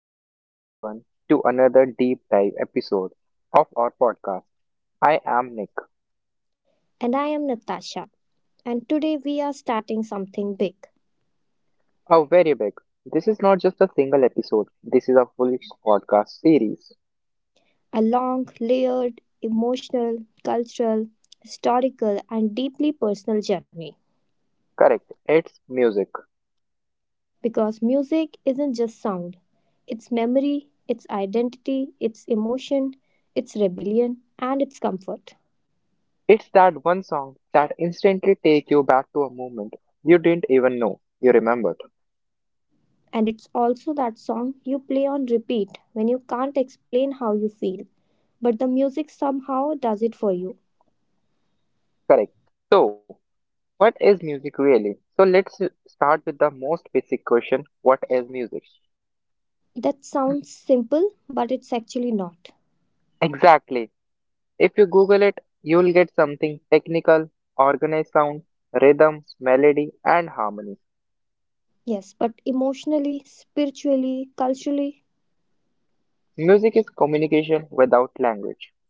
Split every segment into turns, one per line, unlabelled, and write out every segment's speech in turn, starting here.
Welcome back, everyone, to another deep dive episode of our podcast. I am Nick.
And I am Natasha. And today we are starting something big
A very big. This is not just a single episode, this is a full podcast series.
a long, layered, emotional, cultural, historical, and deeply personal journey.
Correct, it's music.
Because music isn't just sound, it's memory, it's identity, it's emotion, it's rebellion, and it's comfort.
It's that one song that instantly takes you back to a moment you didn't even know you remembered.
And it's also that song you play on repeat when you can't explain how you feel, but the music somehow does it for you.
Correct. So, what is music really? Let's start with the most basic question what is music?
That sounds simple, but it's actually not.
Exactly. If you Google it, you'll get something technical, organized sound, rhythm, melody, and harmony.
Yes, but emotionally, spiritually, culturally,
Music is communication without language.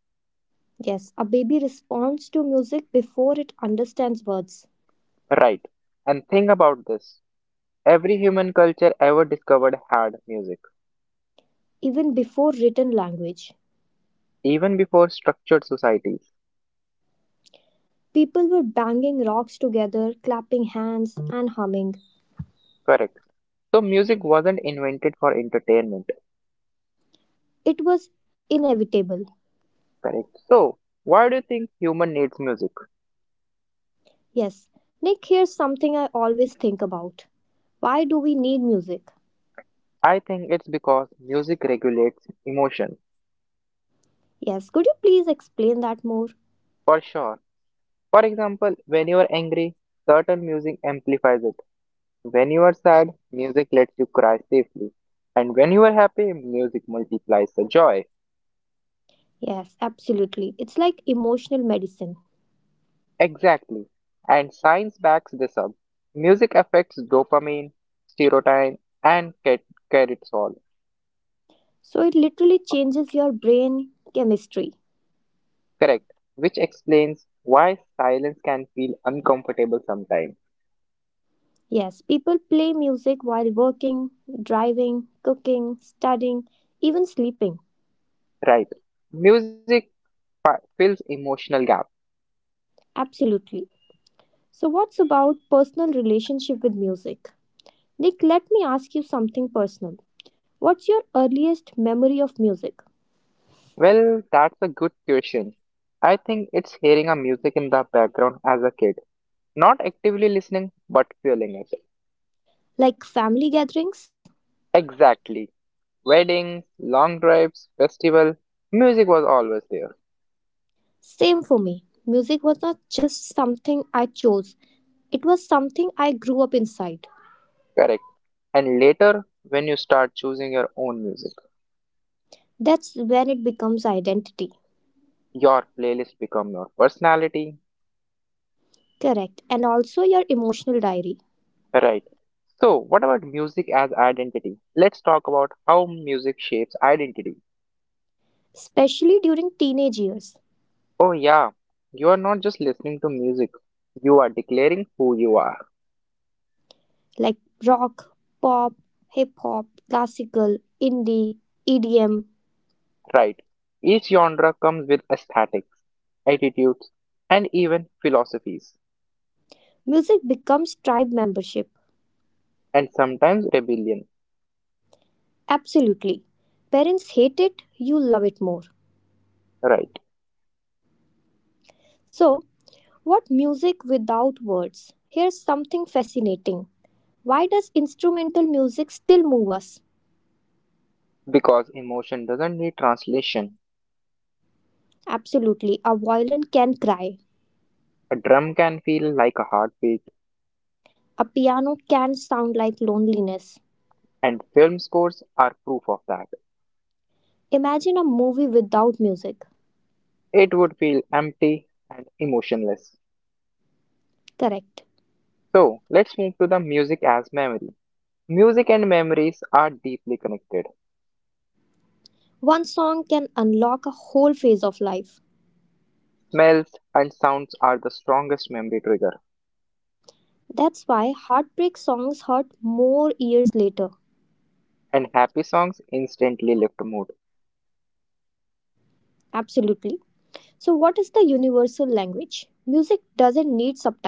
yes, a baby responds to music before it understands words,
Right. And think about this. Every human culture ever discovered had music,
even before written language.
even before structured societies.
People were banging rocks together, clapping hands, and humming.
Correct. So music wasn't invented for entertainment.
It was inevitable.
Correct. So why do you think human needs music?
Yes, Nick, here's something I always think about. Why do we need music?
I think it's because music regulates emotion.
Yes, could you please explain that more?
For sure. For example, when you are angry, certain music amplifies it. When you are sad, music lets you cry safely. And when you are happy, music multiplies the joy.
Yes, absolutely. It's like emotional medicine.
Exactly. And science backs this up. Music affects dopamine, serotonin, and cortisol.
So it literally changes your brain chemistry.
Correct. Which explains why silence can feel uncomfortable sometimes.
Yes, people play music while working, driving, cooking, studying, even sleeping.
Right. Music fills emotional gaps.
Absolutely. So what's about personal relationship with music? Nick, let me ask you something personal. What's your earliest memory of music?
Well, that's a good question. I think it's hearing a music in the background as a kid. Not actively listening, but feeling it.
Like family gatherings?
Exactly. Weddings, long drives, festival, music was always there.
Same for me. Music was not just something I chose. It was something I grew up inside.
Correct. And later, when you start choosing your own music,
That's when it becomes identity.
your playlist become your personality.
Correct. And also your emotional diary,
Right. So, what about music as identity? Let's talk about how music shapes identity.
especially during teenage years.
Oh, yeah, you are not just listening to music, you are declaring who you are.
Like rock, pop, hip hop, classical, indie, EDM.
Right. Each genre comes with aesthetics, attitudes, and even philosophies,
Music becomes tribe membership.
and sometimes rebellion.
Absolutely. Parents hate it, you love it more.
Right.
So, what music without words? Here's something fascinating. Why does instrumental music still move us?
Because emotion doesn't need translation.
Absolutely, a violin can cry.
A drum can feel like a heartbeat,
A piano can sound like loneliness.
and film scores are proof of that.
Imagine a movie without music.
It would feel empty and emotionless.
Correct.
So, let's move to the music as memory. Music and memories are deeply connected.
One song can unlock a whole phase of life.
Smells and sounds are the strongest memory trigger,
That's why heartbreak songs hurt more years later.
and happy songs instantly lift mood.
Absolutely. So, what is the universal language? Music doesn't need subtitles.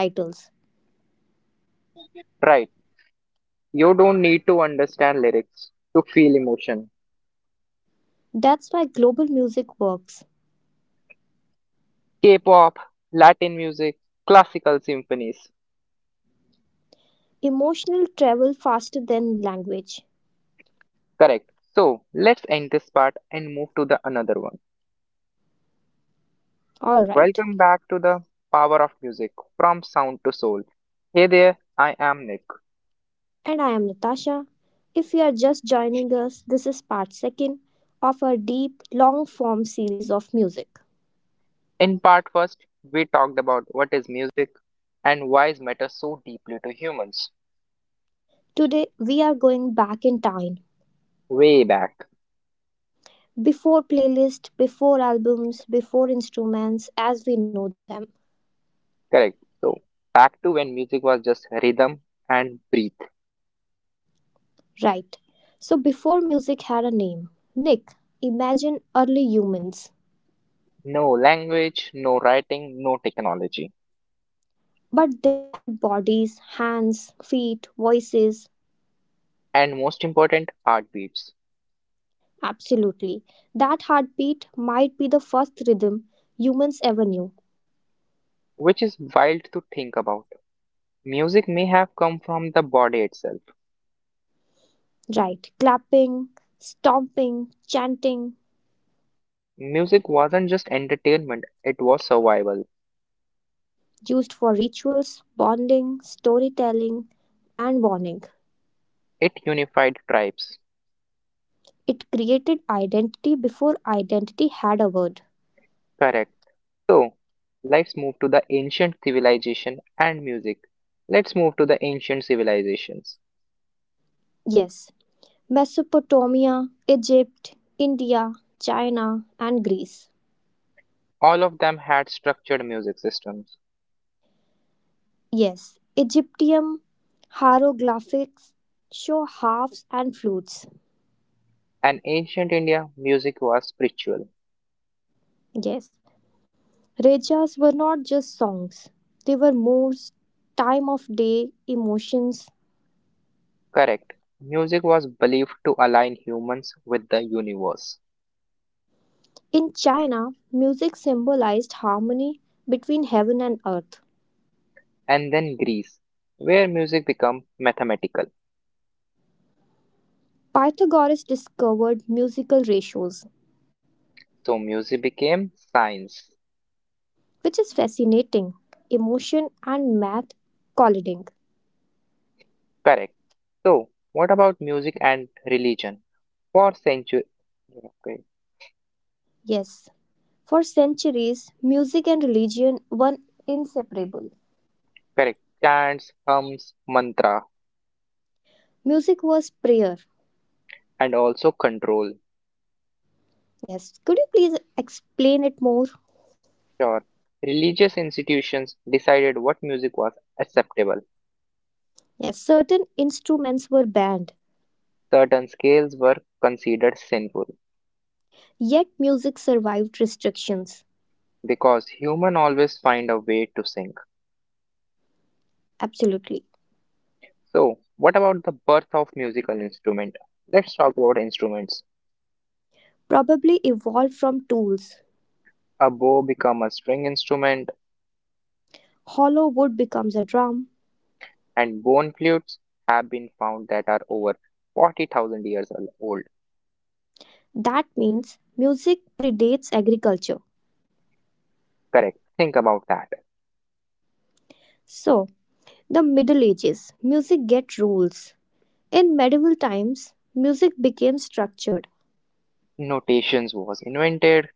Right, you don't need to understand lyrics to feel emotion.
That's why global music works.
K pop, Latin music, classical symphonies.
Emotional travel faster than language.
Correct. So let's end this part and move to the another one.
Alright.
Welcome back to the power of music from sound to soul. Hey there, I am Nick.
And I am Natasha. If you are just joining us, this is part second of our deep, long form series of music.
In part first, we talked about what is music and why it matters so deeply to humans
Today, we are going back in time
way back.
before playlists, before albums, before instruments as we know them.
Correct. So back to when music was just rhythm and breathe.
Right. So before music had a name, Nick, imagine early humans.
No language, no writing, no technology.
But they had bodies, hands, feet, voices.
And most important, heartbeats,
Absolutely. That heartbeat might be the first rhythm humans ever knew.
which is wild to think about. Music may have come from the body itself.
Right. Clapping, stomping, chanting,
Music wasn't just entertainment, it was survival.
used for rituals, bonding, storytelling, and warning.
It unified tribes.
It created identity before identity had a word.
Correct. So let's move to the ancient civilization and music. Let's move to the ancient civilizations.
Yes, Mesopotamia, Egypt, India, China, and Greece.
All of them had structured music systems
Yes, Egyptian hieroglyphics show harps and flutes.
In ancient India, music was spiritual.
Yes, rejas were not just songs, they were moods, time of day, emotions.
Correct. Music was believed to align humans with the universe.
In China, music symbolized harmony between heaven and earth.
And then Greece, where music became mathematical.
Pythagoras discovered musical ratios,
So music became science.
which is fascinating emotion and math colliding.
Correct. So, what about music and religion? For centuries, okay,
Yes, for centuries, music and religion were inseparable.
correct. Chants, hymns, mantra,
Music was prayer.
and also control.
Yes, could you please explain it more?
Sure. Religious institutions decided what music was acceptable.
Yes, certain instruments were banned,
Certain scales were considered sinful.
yet music survived restrictions.
Because human always find a way to sing.
Absolutely.
So, what about the birth of musical instrument? Let's talk about instruments.
Probably evolved from tools.
A bow become a string instrument
Hollow wood becomes a drum.
and bone flutes have been found that are over 40,000 years old.
That means music predates agriculture.
Correct. Think about that.
So, the Middle Ages, music get rules. In medieval times, music became structured.
Notations was invented.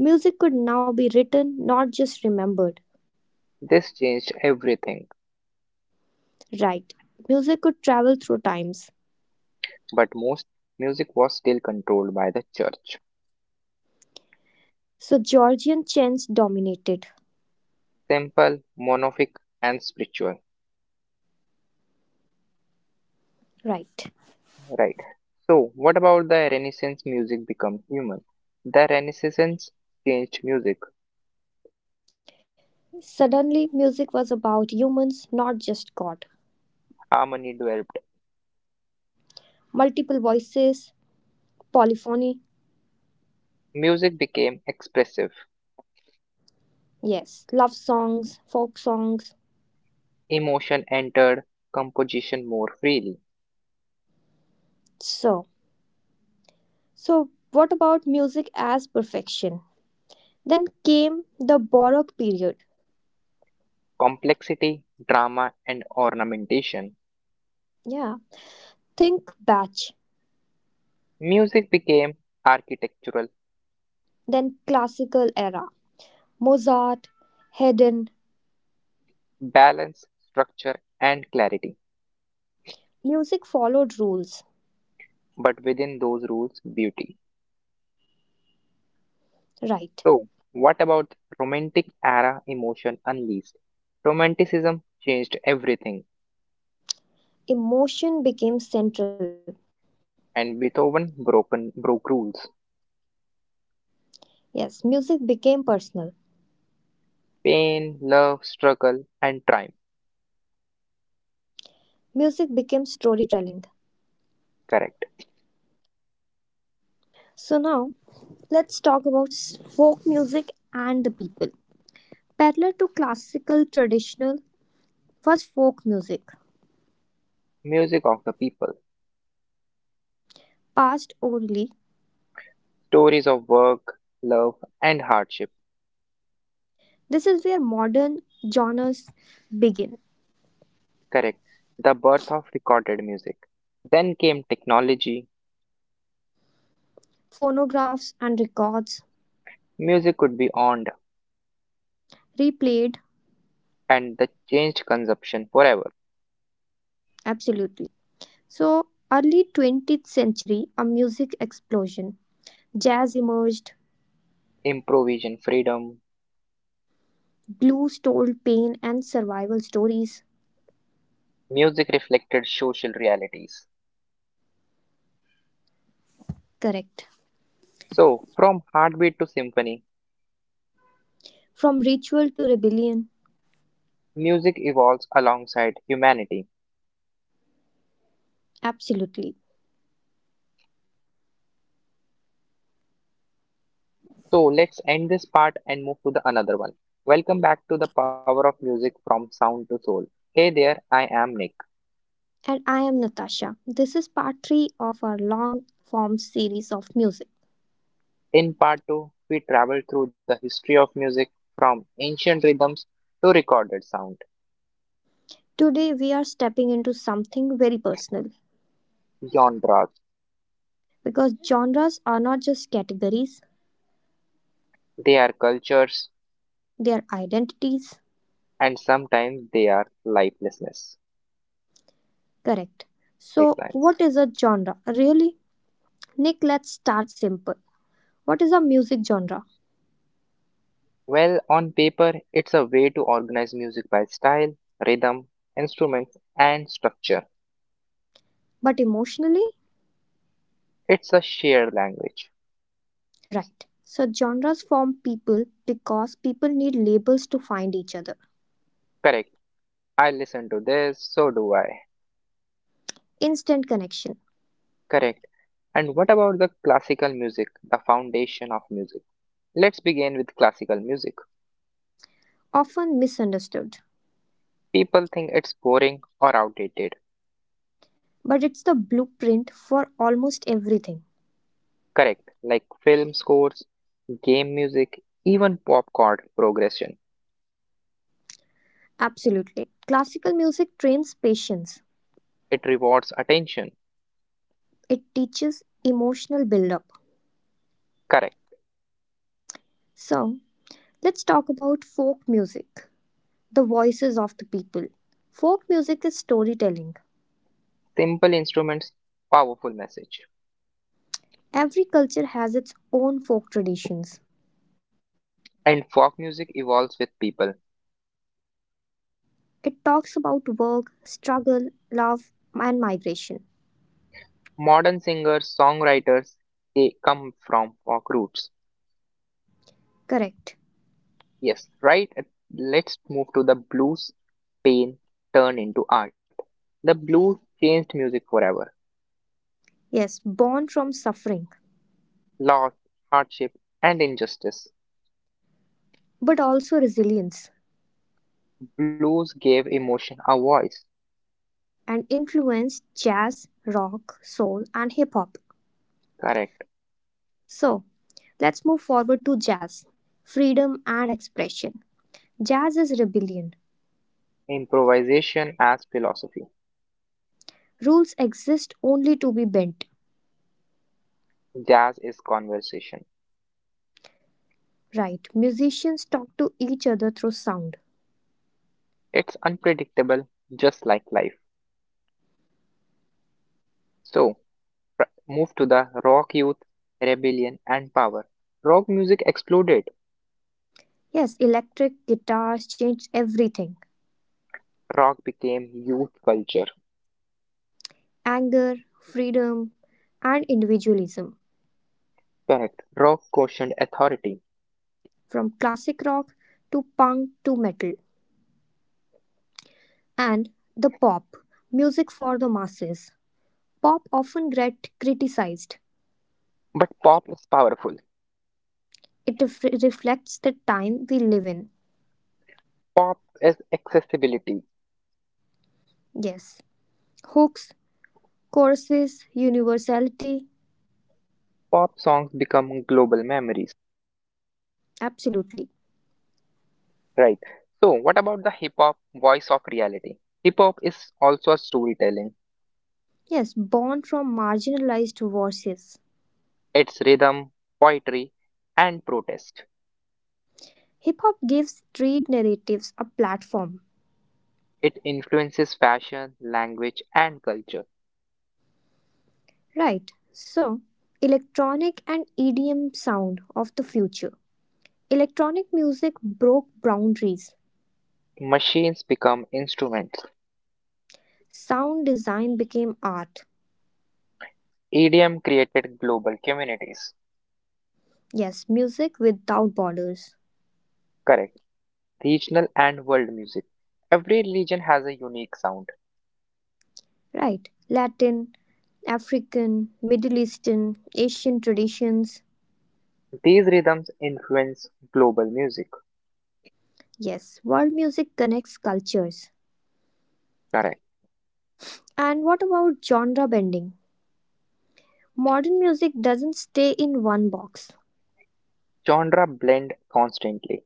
Music could now be written, not just remembered.
This changed everything,
Right. Music could travel through times.
but most music was still controlled by the church.
So Georgian chants dominated.
Simple, monophonic and spiritual.
Right.
Right. So, what about the Renaissance music become human? The Renaissance changed music.
Suddenly, music was about humans, not just God.
Harmony developed.
Multiple voices, polyphony.
Music became expressive.
Yes, love songs, folk songs.
Emotion entered composition more freely.
So, so what about music as perfection? Then came the Baroque period.
Complexity, drama, and ornamentation.
Yeah, think Bach.
Music became architectural,
Then classical era. Mozart, Haydn,
balance, structure, and clarity.
music followed rules.
But within those rules, beauty.
Right.
So, what about Romantic era emotion unleashed? Romanticism changed everything
Emotion became central.
and Beethoven broke rules.
Yes, music became personal.
Pain, love, struggle, and triumph.
Music became storytelling.
Correct.
So now let's talk about folk music and the people. Parallel to classical traditional was folk music,
Music of the people.
passed orally.
Stories of work, love, and hardship.
This is where modern genres begin.
Correct. The birth of recorded music. Then came technology.
Phonographs and records
Music could be owned,
replayed
and the changed consumption forever.
absolutely. So early 20th century a music explosion. Jazz emerged,
Improvisation freedom.
blues told pain and survival stories.
Music reflected social realities.
Correct.
So, from heartbeat to symphony,
From ritual to rebellion.
music evolves alongside humanity.
Absolutely.
So let's end this part and move to the another one. Welcome back to the power of music from sound to soul. Hey there, I am Nick.
And I am Natasha. This is part 3 of our long form series of music.
In part 2, we travel through the history of music from ancient rhythms to recorded sound,
Today we are stepping into something very personal
genres,
because genres are not just categories,
their cultures,
they are identities.
and sometimes their lifelessness.
Correct. So,
Lifelines.
what is a genre? Really? Nick, let's start simple. What is a music genre?
Well, on paper, it's a way to organize music by style, rhythm, instruments, and structure.
But emotionally,
It's a shared language.
right. So genres form people because people need labels to find each other.
Correct I listen to this, so do I.
Instant connection,
Correct. And what about the classical music, the foundation of music? Let's begin with classical music.
often misunderstood,
People think it's boring or outdated.
but it's the blueprint for almost everything.
Correct. Like film scores, game music, even pop chord progression.
Absolutely. Classical music trains patience.
It rewards attention.
It teaches emotional build-up.
Correct.
So, let's talk about folk music, the voices of the people. Folk music is storytelling.
Simple instruments, powerful message.
Every culture has its own folk traditions.
And folk music evolves with people.
It talks about work, struggle, love, and migration.
Modern singers, songwriters, they come from folk roots.
Correct.
Yes, right. Let's move to the blues pain turned into art. The blues changed music forever.
Yes, born from suffering,
Loss, hardship, and injustice.
but also resilience
Blues gave emotion a voice.
and influenced jazz, rock, soul, and hip hop.
Correct.
So, let's move forward to jazz, freedom, and expression. Jazz is rebellion.
Improvisation as philosophy.
Rules exist only to be bent.
Jazz is conversation.
Right. Musicians talk to each other through sound.
It's unpredictable, just like life. So, move to the rock youth, rebellion, and power. Rock music exploded.
Yes, electric guitars change everything.
Rock became youth culture.
Anger, freedom, and individualism,
Correct. Rock questioned authority.
from classic rock to punk to metal. And the pop, music for the masses. Pop often get criticized.
But pop is powerful.
It reflects the time we live in.
Pop is accessibility.
Yes. Hooks, choruses, universality,
Pop songs become global memories,
absolutely.
right? So, what about the hip hop voice of reality? Hip hop is also a storytelling.
Yes, born from marginalized voices.
It's rhythm, poetry, and protest.
Hip hop gives street narratives a platform.
It influences fashion, language, and culture.
Right. So, electronic and EDM sound of the future. Electronic music broke boundaries.
Machines become instruments.
Sound design became art.
EDM created global communities.
Yes, music without borders.
Correct. Regional and world music. Every religion has a unique sound.
Right. Latin, African, Middle Eastern, Asian traditions.
These rhythms influence global music.
Yes, world music connects cultures.
Correct.
And what about genre bending? Modern music doesn't stay in one box.
Genre blend constantly.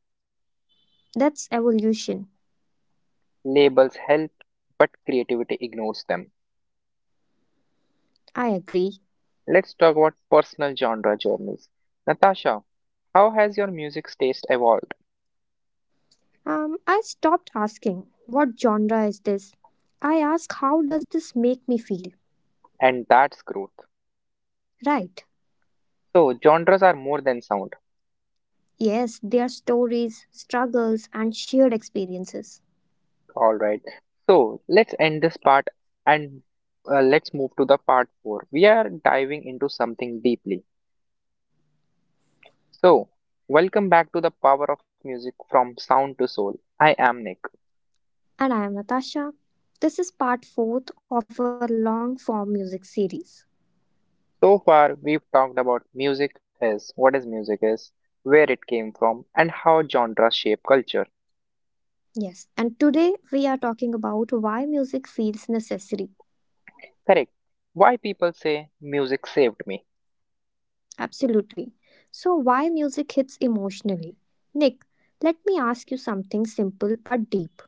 That's evolution.
Labels help, but creativity ignores them.
I agree.
Let's talk about personal genre journeys. Natasha, how has your music's taste evolved?
I stopped asking, what genre is this? I ask, how does this make me feel?
And that's growth.
Right.
So, genres are more than sound.
Yes, their stories, struggles, and shared experiences.
Alright. So, let's end this part and let's move to the part 4. We are diving into something deeply. So, welcome back to the power of music from sound to soul. I am Nick.
And I am Natasha. This is part 4th of our long form music series.
So far, we've talked about music is, what is music is, where it came from, and how genres shape culture.
Yes, and today we are talking about why music feels necessary.
Correct. Why people say music saved me.
Absolutely. So, why music hits emotionally? Nick, let me ask you something simple but deep.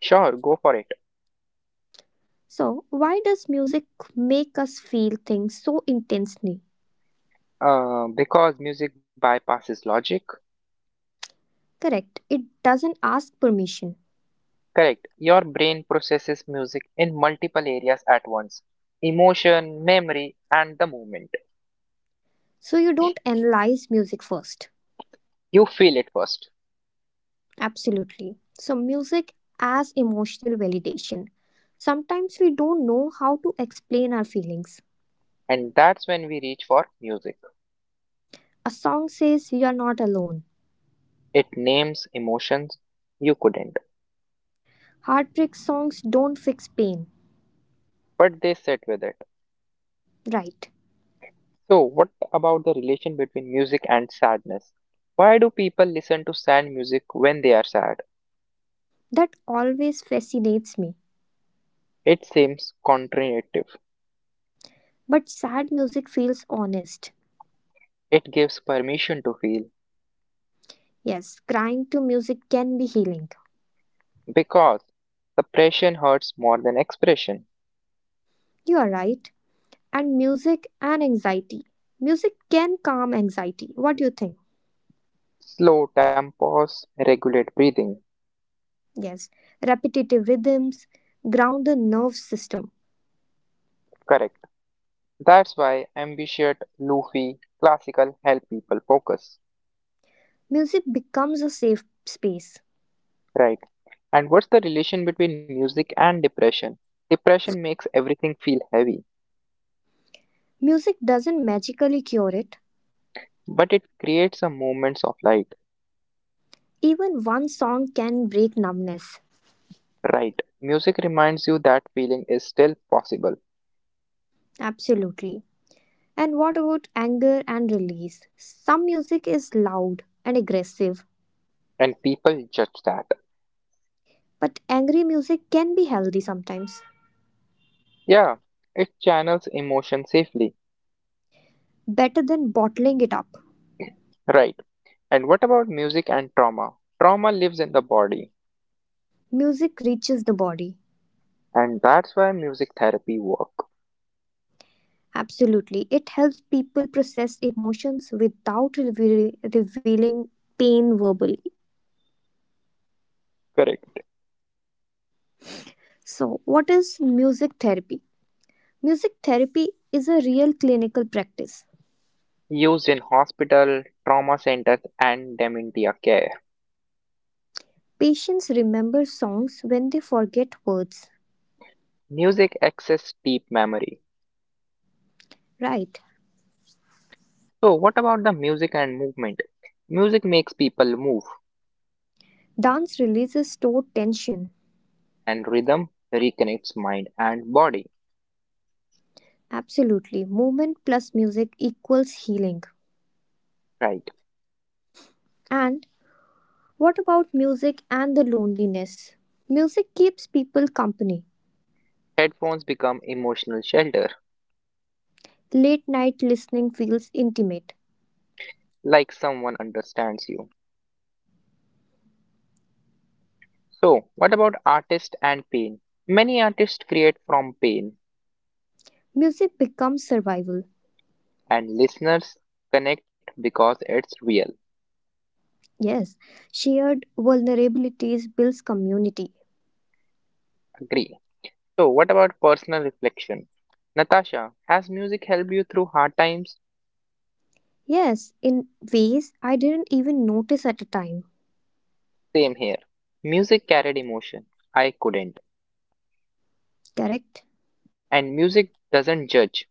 Sure, go for it.
So, why does music make us feel things so intensely?
Because music bypasses logic.
Correct, it doesn't ask permission.
Correct. Your brain processes music in multiple areas at once emotion, memory, and the movement.
So, you don't analyze music first.
You feel it first.
Absolutely. So, music as emotional validation. Sometimes we don't know how to explain our feelings.
And that's when we reach for music.
A song says you are not alone.
It names emotions you couldn't,
Heartbreak songs don't fix pain.
but they sit with it
Right.
So, what about the relation between music and sadness? Why do people listen to sad music when they are sad?
That always fascinates me.
It seems counterintuitive.
But sad music feels honest.
It gives permission to feel
Yes, crying to music can be healing.
because suppression hurts more than expression.
You are right and music and anxiety. Music can calm anxiety. What do you think?
Slow tempos regulate breathing.
Yes, repetitive rhythms ground the nerve system.
Correct. That's why ambitious, lofi, classical help people focus.
Music becomes a safe space.
Right. And what's the relation between music and depression? Depression makes everything feel heavy,
Music doesn't magically cure it.
but it creates a moments of light.
Even one song can break numbness.
Right. Music reminds you that feeling is still possible,
Absolutely. And what about anger and release? Some music is loud and aggressive,
and people judge that.
but angry music can be healthy sometimes.
Yeah, it channels emotion safely.
Better than bottling it up.
Right. And what about music and trauma? Trauma lives in the body,
Music reaches the body
and that's why music therapy work.
absolutely. It helps people process emotions without revealing pain verbally.
Correct.
So, what is music therapy? Music therapy is a real clinical practice.
Used in hospital, trauma centers, and dementia care.
Patients remember songs when they forget words,
Music access deep memory.
right?
So what about the music and movement? Music makes people move,
Dance releases stored tension.
and rhythm reconnects mind and body.
Absolutely. Movement plus music equals healing.
Right.
And what about music and the loneliness? Music keeps people company.
Headphones become emotional shelter,
Late night listening feels intimate.
like someone understands you. So, what about artist and pain? Many artists create from pain,
Music becomes survival.
and listeners connect because it's real.
Yes, shared vulnerabilities builds community.
Agree. So, what about personal reflection? Natasha, has music helped you through hard times?
Yes, in ways I didn't even notice at the time.
Same here. Music carried emotion. I couldn't.
Correct?
And music doesn't judge,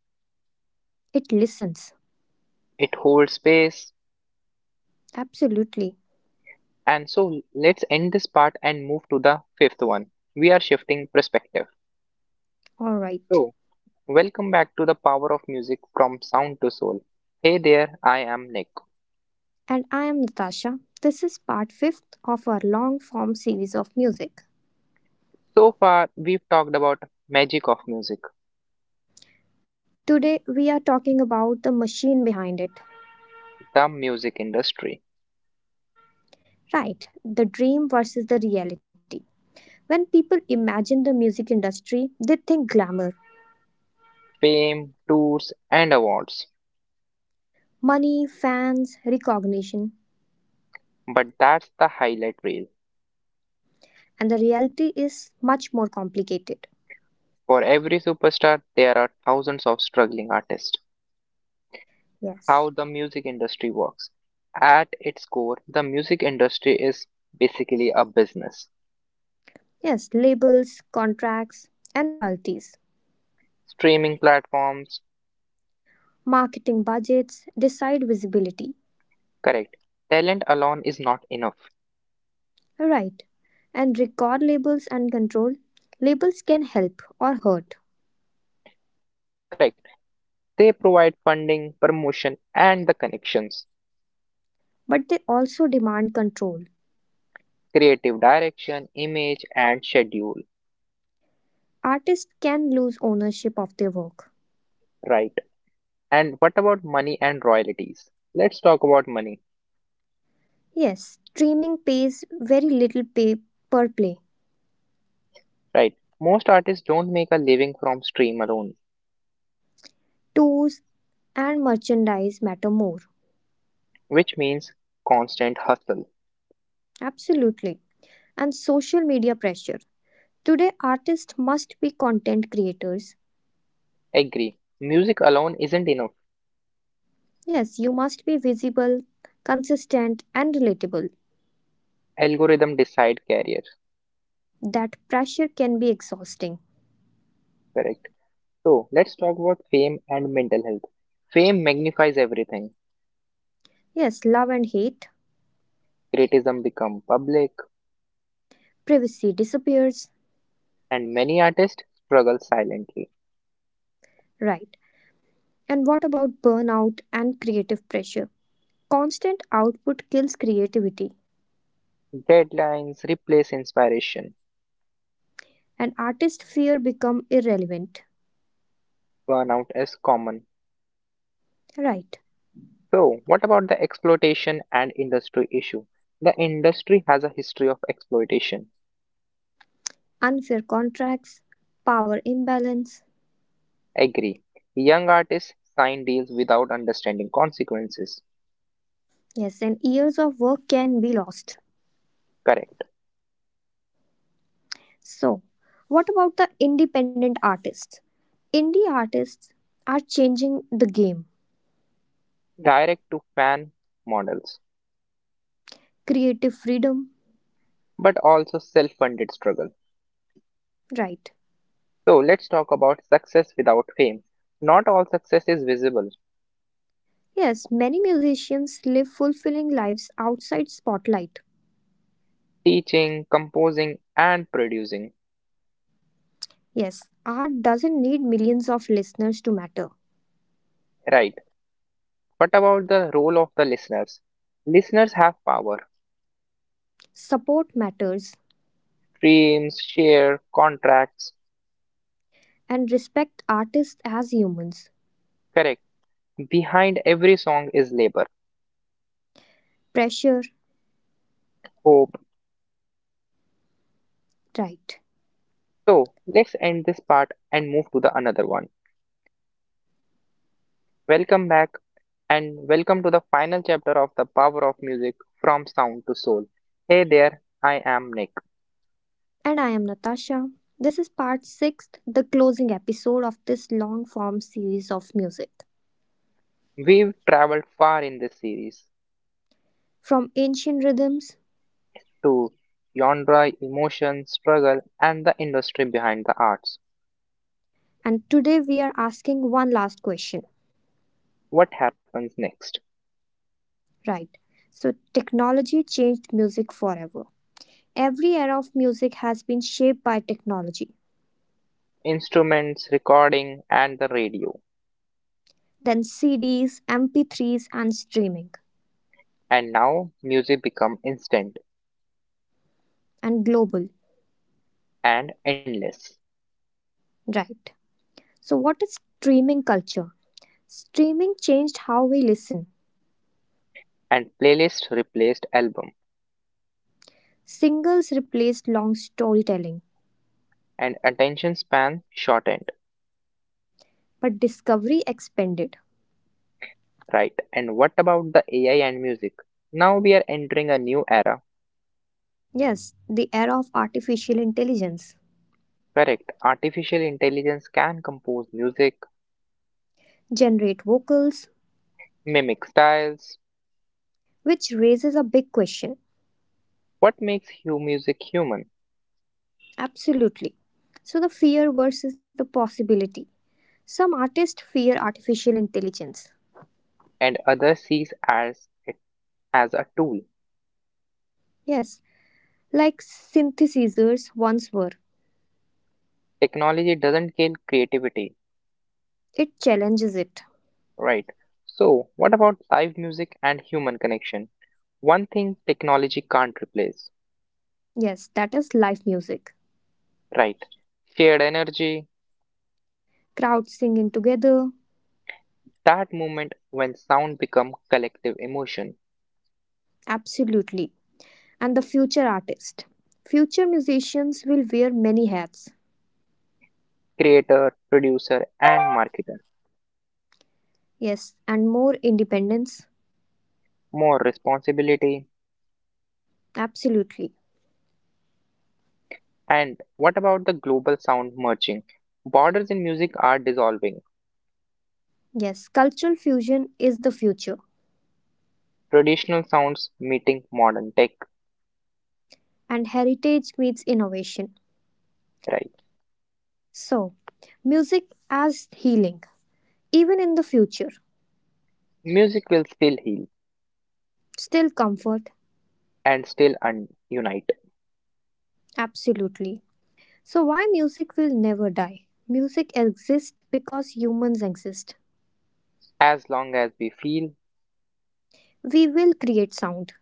It listens.
it holds space.
Absolutely.
And so, let's end this part and move to the fifth one. We are shifting perspective.
All right.
So, welcome back to the power of music from sound to soul. Hey there, I am Nick.
And I am Natasha. This is part 5th of our long form series of music.
So far, we've talked about magic of music,
Today we are talking about the machine behind it.
the music industry,
Right, the dream versus the reality. When people imagine the music industry, they think glamour,
fame, tours, and awards.
money, fans, recognition.
But that's the highlight reel.
And the reality is much more complicated.
For every superstar, there are thousands of struggling artists.
Yes.
How the music industry works. At its core, the music industry is basically a business.
Yes, labels, contracts, and royalties,
Streaming platforms,
marketing budgets decide visibility.
correct. Talent alone is not enough.
Right. And record labels and control. Labels can help or hurt,
Correct They provide funding, promotion and the connections,
but they also demand control.
creative direction, image and schedule,
Artists can lose ownership of their work.
right? And what about money and royalties? Let's talk about money,
Yes, streaming pays very little pay per play.
right? Most artists don't make a living from stream alone,
Tours and merchandise matter more.
which means constant hustle.
Absolutely. And social media pressure. Today, artists must be content creators.
Agree. Music alone isn't enough.
Yes, you must be visible, consistent, and relatable.
Algorithm decide career,
That pressure can be exhausting.
correct? So let's talk about fame and mental health. Fame magnifies everything.
Yes, love and hate,
Criticism become public
privacy disappears.
and many artists struggle silently
Right. And what about burnout and creative pressure? Constant output kills creativity,
Deadlines replace inspiration.
and artist fear become irrelevant.
Burnout is common.
Right.
So, what about the exploitation and industry issue? The industry has a history of exploitation.
Unfair contracts, power imbalance.
Agree. Young artists sign deals without understanding consequences.
Yes, and years of work can be lost.
Correct.
So, what about the independent artists? Indie artists are changing the game.
Direct to fan models,
Creative freedom,
but also self funded struggle.
right?
So, let's talk about success without fame. Not all success is visible.
Yes, many musicians live fulfilling lives outside spotlight.
Teaching, composing, and producing.
Yes, art doesn't need millions of listeners to matter.
Right. What about the role of the listeners? Listeners have power.
Support matters
Dreams, share, contracts.
and respect artists as humans.
Correct. Behind every song is labor,
Pressure,
hope.
right?
So let's end this part and move to the another one. Welcome back and welcome to the final chapter of The Power of Music from Sound to Soul. Hey there, I am Nick.
And I am Natasha. This is part 6, the closing episode of this long form series of music.
We've traveled far in this series
From ancient rhythms
to genre, emotion, struggle, and the industry behind the arts.
and today we are asking one last question,
What happens next?
right? So, technology changed music forever. Every era of music has been shaped by technology,
Instruments, recording, and the radio.
then CDs, MP3s, and streaming,
And now music become instant
and global,
and endless,
right? So, what is streaming culture? Streaming changed how we listen.
and playlist replaced album,
Singles replaced long storytelling,
and attention span shortened,
but discovery expanded.
right? And what about the AI and music? Now we are entering a new era,
Yes, the era of artificial intelligence
correct? Artificial intelligence can compose music,
generate vocals,
mimic styles,
which raises a big question.
what makes music human,
Absolutely. So, the fear versus the possibility. Some artists fear artificial intelligence.
and others sees as it as a tool.
Yes, like synthesizers once were.
Technology doesn't kill creativity,
It challenges it.
right. So, what about live music and human connection? One thing technology can't replace.
Yes, that is live music.
Right. Shared energy,
Crowds singing together.
that moment when sound become collective emotion.
Absolutely. And the future artist. Future musicians will wear many hats.
Creator, producer and marketer.
Yes, and more independence.
More responsibility.
Absolutely.
And what about the global sound merging? Borders in music are dissolving.
Yes, cultural fusion is the future.
Traditional sounds meeting modern tech.
And heritage meets innovation.
Right.
So, music as healing, even in the future,
Music will still heal
still comfort,
and still unite
absolutely. So, why music will never die? Music exists because humans exist.
as long as we feel
We will create sound,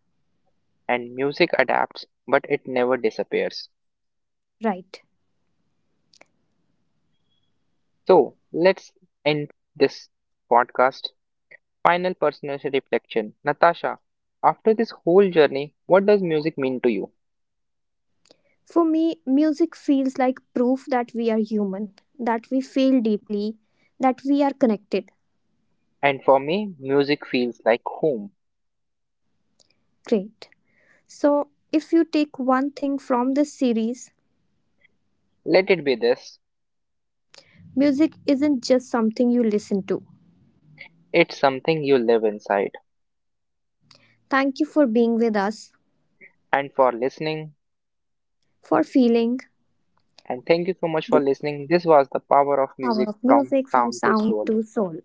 and music adapts, but it never disappears.
right?
So let's end this podcast. Final personal reflection. Natasha, after this whole journey, what does music mean to you?
For me, music feels like proof that we are human, that we feel deeply, that we are connected.
And for me, music feels like home.
Great. So, if you take one thing from this series,
Let it be this.
music isn't just something you listen to.
It's something you live inside.
Thank you for being with us,
And for listening,
for feeling,
and thank you so much for
the
listening. This was the power of
power
music
of
from
music from
sound to
sound
soul.
to soul.